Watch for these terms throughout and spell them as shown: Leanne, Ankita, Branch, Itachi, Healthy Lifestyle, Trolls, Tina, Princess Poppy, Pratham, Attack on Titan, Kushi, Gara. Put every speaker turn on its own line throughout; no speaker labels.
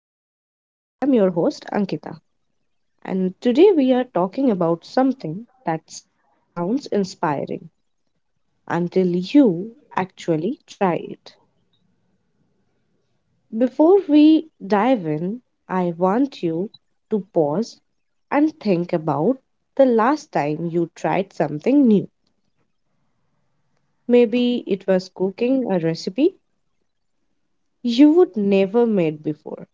Lifestyle. I'm your host, Ankita, and today we are talking about something that sounds inspiring until you actually try it. Before we dive in, I want you to pause and think about the last time you tried something new. Maybe it was cooking a recipe you would never made before,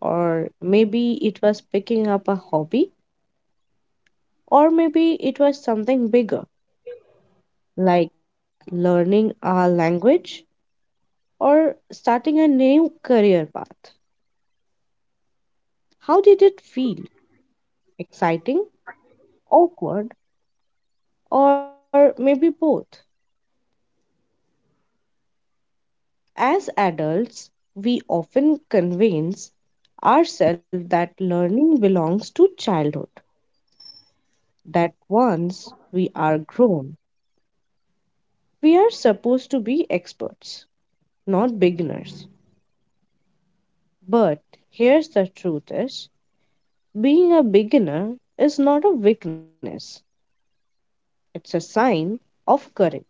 or maybe it was picking up a hobby. Or maybe it was something bigger, like learning a language or starting a new career path. How did it feel? Exciting, awkward, or maybe both? As adults, we often convince ourselves that learning belongs to childhood, that once we are grown, we are supposed to be experts, not beginners. But here's the truth is, being a beginner is not a weakness, it's a sign of courage.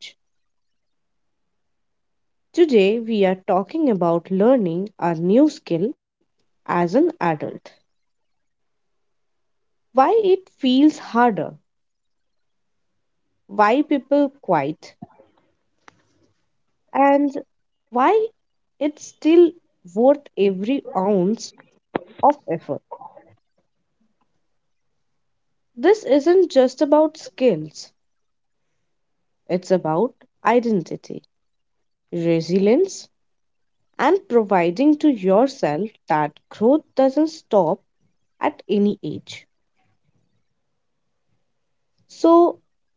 Today, we are talking about learning a new skill as an adult. Why it feels harder, why people quit, and why it's still worth every ounce of effort. This isn't just about skills, it's about identity, resilience, and providing to yourself that growth doesn't stop at any age. So,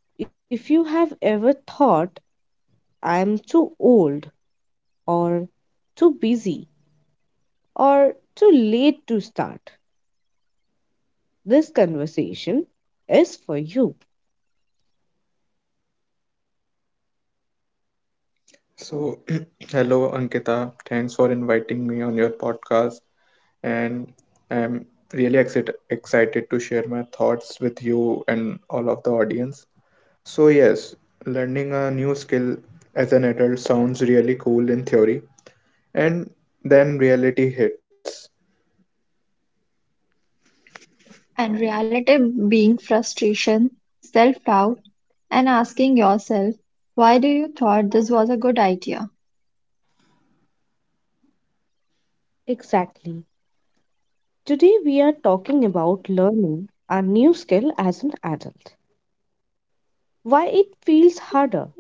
if you have ever thought I'm too old or too busy or too late to start, this conversation is for you.
So, hello, Ankita. Thanks for inviting me on your podcast. And I'm really excited to share my thoughts with you and all of the audience. So, yes, learning a new skill as an adult sounds really cool in theory. And then reality hits.
And reality being frustration, self doubt, and asking yourself, why do you thought this was a good idea?
Exactly. Today we are talking about learning a new skill as an adult. Why it feels harder,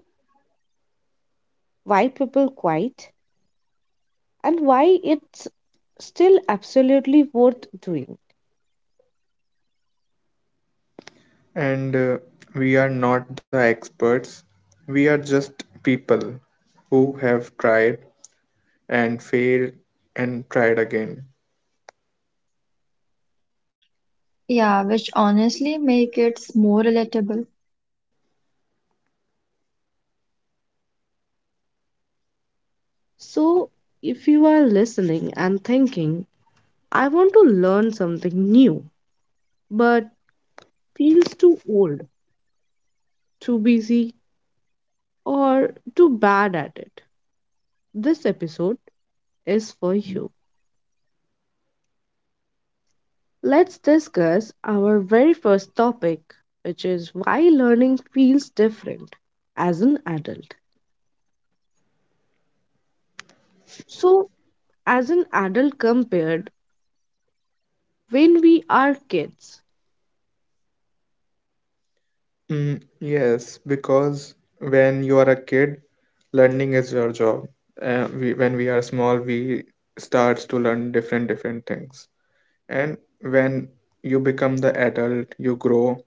why people quit, and why it's still absolutely worth doing.
And we are not the experts, we are just people who have tried and failed and tried again.
Yeah, which honestly make it more relatable.
So, if you are listening and thinking, I want to learn something new, but feels too old, too busy, or too bad at it. This episode is for you. Let's discuss our very first topic, which is why learning feels different as an adult. So, as an adult compared when we are kids,
Mm, yes, because when you are a kid, learning is your job. When we are small, we starts to learn different things. And when you become the adult, you grow,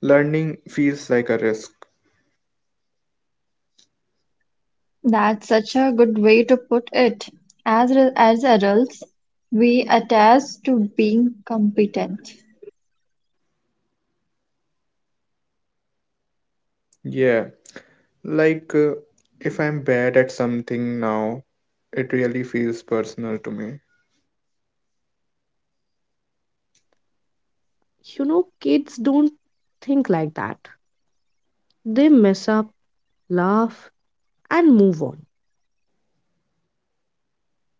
learning feels like a risk.
That's such a good way to put it. As adults, we attach to being competent.
Yeah, like if I'm bad at something now, it really feels personal to me.
you know, kids don't think like that. They mess up, laugh, and move on.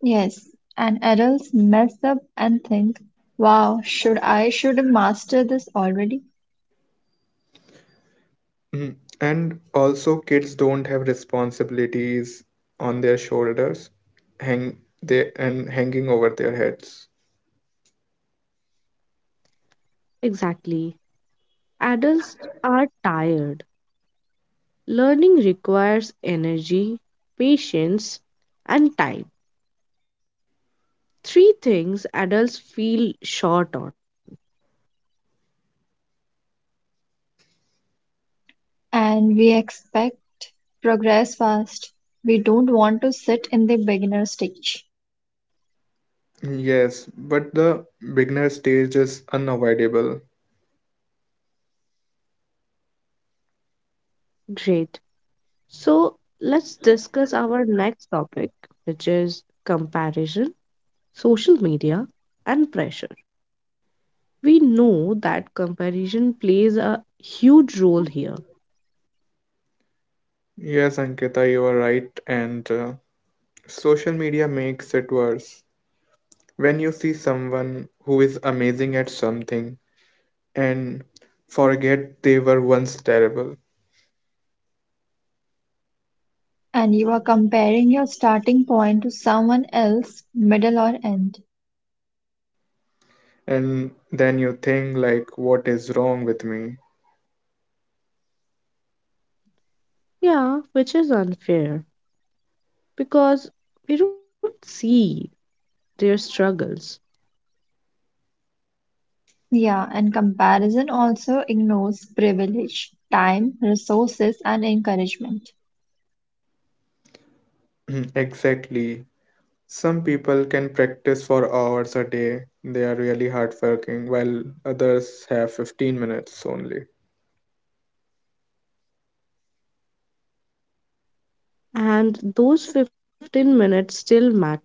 Yes, and adults mess up and think, wow, should I should master this already?
Mm. And also, kids don't have responsibilities on their shoulders, hang they and hanging over their heads.
Exactly. Adults are tired. Learning requires energy, patience, and time. Three things adults feel short on.
And we expect progress fast. We don't want to sit in the beginner stage.
Yes, but the beginner stage is unavoidable.
Great. So let's discuss our next topic, which is comparison, social media, and pressure. We know that comparison plays a huge role here.
Yes, Ankita, you are right, and social media makes it worse. When you see someone who is amazing at something and forget they were once terrible,
And you are comparing your starting point to someone else, middle or end.
and then you think like, what is wrong with me?
Yeah, which is unfair because we don't see their struggles,
Yeah, and comparison also ignores privilege, time, resources, and encouragement.
Exactly. Some people can practice for hours a day. They are really hardworking, while others have 15 minutes only.
and those 15 minutes still matter.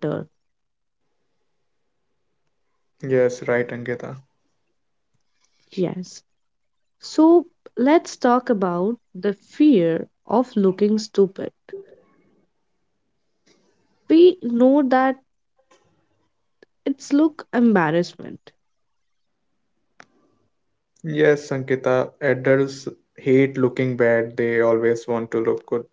Yes, right, Ankita.
Yes. So let's talk about the fear of looking stupid. We know that it's look embarrassment,
Yes, Ankita, adults hate looking bad. They always want to look good.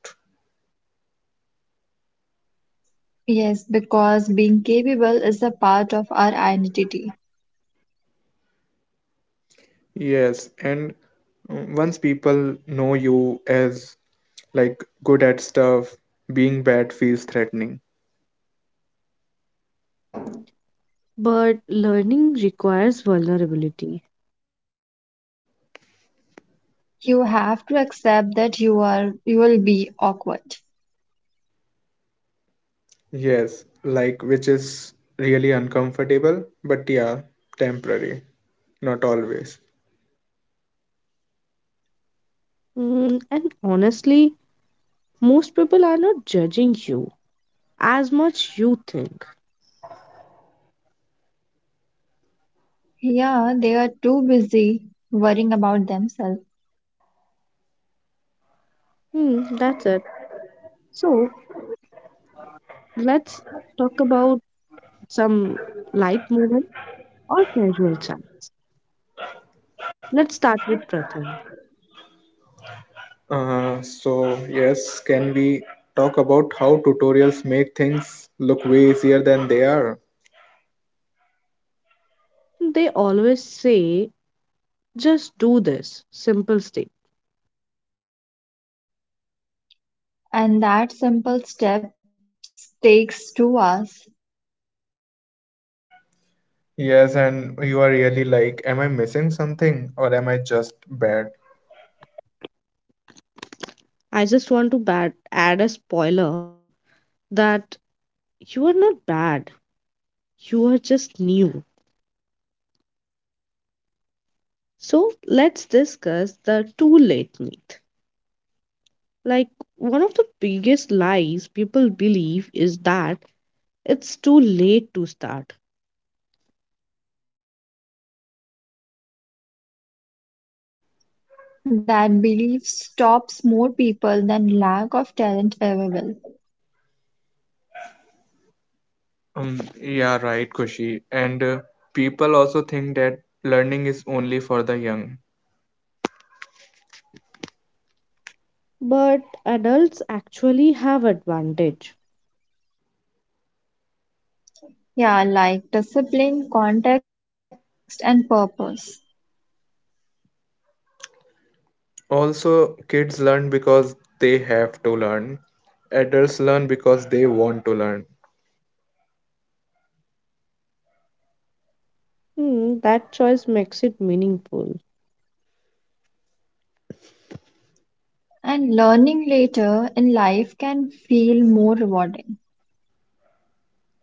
Yes, because being capable is a part of our identity.
Yes, and once people know you as like good at stuff, being bad feels threatening.
but learning requires vulnerability.
You have to accept that you will be awkward.
Yes, like which is really uncomfortable, but yeah, temporary, not always.
And honestly, most people are not judging you as much you think.
Yeah, they are too busy worrying about themselves.
Hmm, that's it. So let's talk about some light movement or casual chat. Let's start with Pratham.
So yes, can we talk about how tutorials make things look way easier than they are?
They always say, just do this simple step.
And that simple step takes 2 hours.
Yes, and you are really like, am I missing something or am I just bad?
I just want to add a spoiler that you are not bad, you are just new. So let's discuss the too late myth. Like, one of the biggest lies people believe is that it's too late to start.
That belief stops more people than lack of talent ever will.
Yeah, right, Kushi. And people also think that learning is only for the young.
But adults actually have advantage.
Yeah, like discipline, context, and purpose.
Also, kids learn because they have to learn. Adults learn because they want to learn.
Hmm, that choice makes it meaningful.
And learning later in life can feel more rewarding.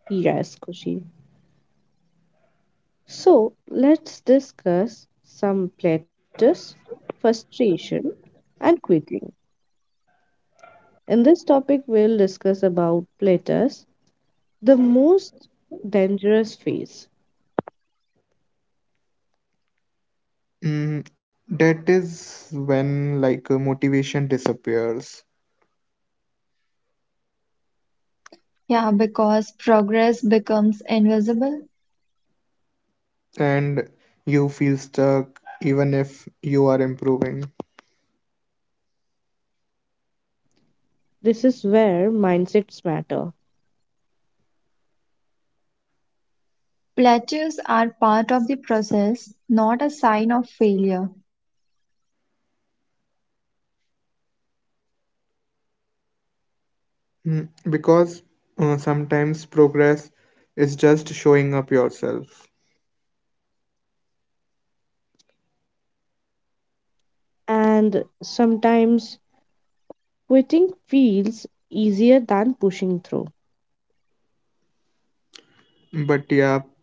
Yes, Kushi. So, let's discuss some platters, frustration, and quitting. In this topic, we'll discuss about platters, the most dangerous phase.
Mm, that is when like motivation disappears.
Yeah, because progress becomes invisible.
And you feel stuck even if you are improving.
This is where mindsets matter,
Plateaus are part of the process, not a sign of failure.
Mm. Because sometimes progress is just showing up yourself.
and sometimes quitting feels easier than pushing through.
But yeah,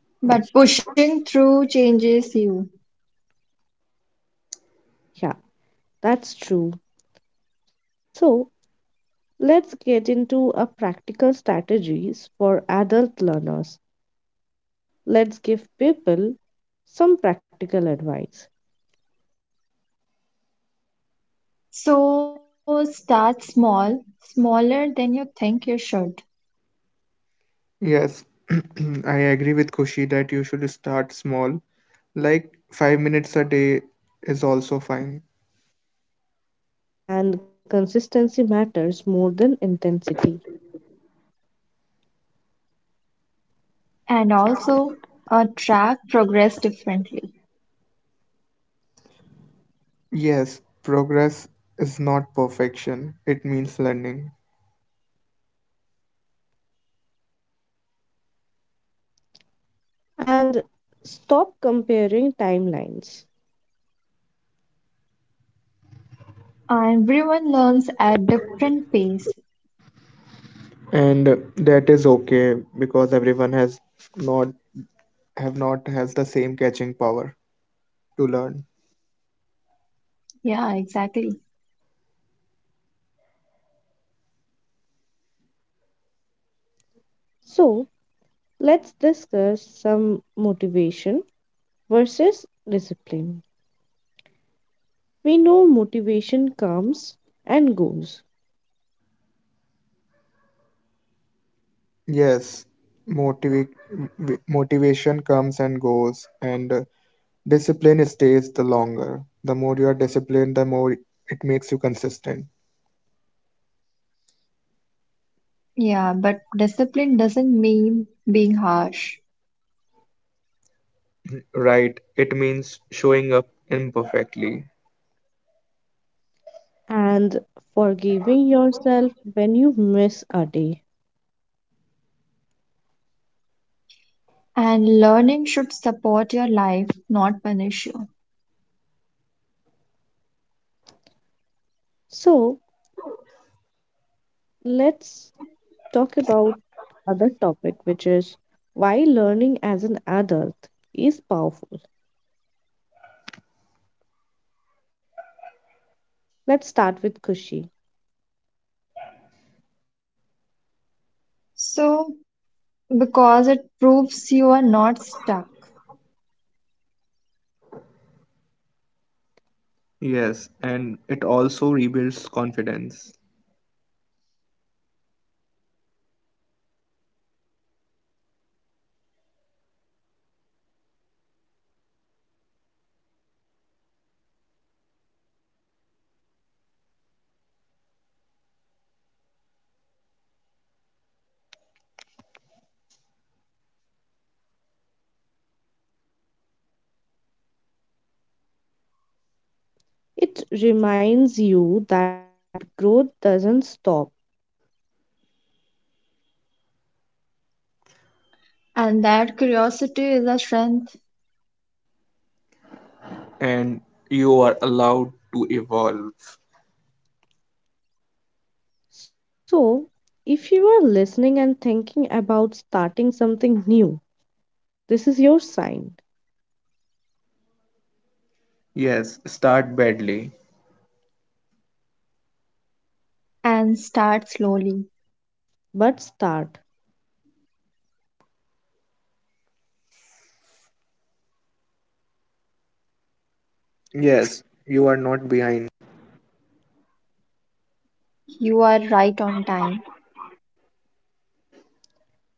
uh,
But pushing through changes you.
Yeah, that's true. So, let's get into a practical strategies for adult learners. Let's give people some practical advice.
So start small, smaller than you think you should,
yes, I agree with Kushi that you should start small. Like 5 minutes a day is also fine.
And consistency matters more than intensity.
and also track progress differently.
Yes, progress is not perfection, it means learning.
And stop comparing timelines.
Everyone learns at different pace.
And that is okay because everyone has not have not has the same catching power to learn.
Yeah, exactly.
So, let's discuss some motivation versus discipline. We know motivation comes and goes,
Yes, motivation comes and goes, and discipline stays the longer. The more you are disciplined, the more it makes you consistent.
Yeah, but discipline doesn't mean being harsh.
Right, it means showing up imperfectly.
and forgiving yourself when you miss a day.
And learning should support your life, not punish you.
So, let's talk about other topic which is why learning as an adult is powerful. Let's start with Kushi.
So, because it proves you are not stuck,
Yes, and it also rebuilds confidence.
It reminds you that growth doesn't stop.
and that curiosity is a strength,
And you are allowed to evolve.
So, if you are listening and thinking about starting something new, this is your sign.
Yes, start badly.
and start slowly.
But start.
You are right on time.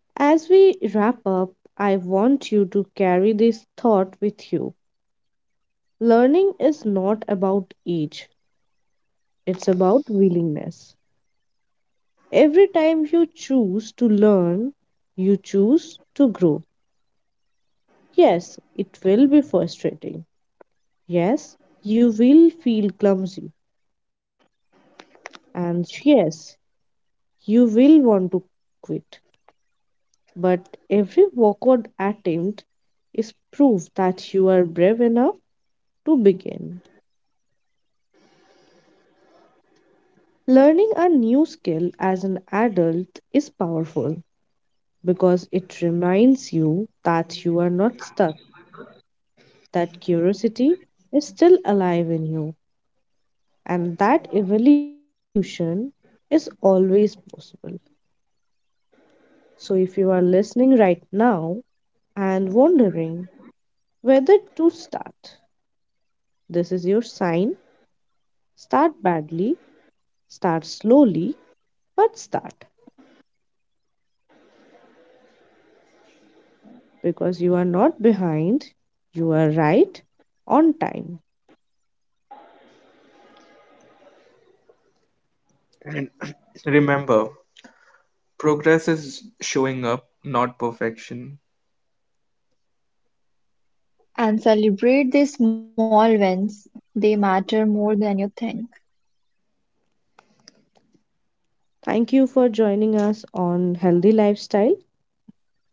As we wrap up, I want you to carry this thought with you. Learning is not about age, it's about willingness. Every time you choose to learn, you choose to grow. Yes, it will be frustrating. Yes, you will feel clumsy. And yes, you will want to quit. But every backward attempt is proof that you are brave enough to begin. Learning a new skill as an adult is powerful because it reminds you that you are not stuck, that curiosity is still alive in you and that evolution is always possible. So, if you are listening right now and wondering whether to start, this is your sign. Start badly, start slowly, but start because you are not behind, you are right on time.
And remember, progress is showing up, not perfection.
And celebrate the small wins. They matter more than you think.
Thank you for joining us on Healthy Lifestyle.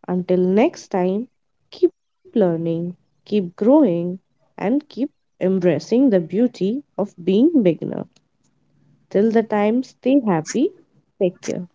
Until next time, keep learning, keep growing, and keep embracing the beauty of being beginner. Till the time, stay happy, take care.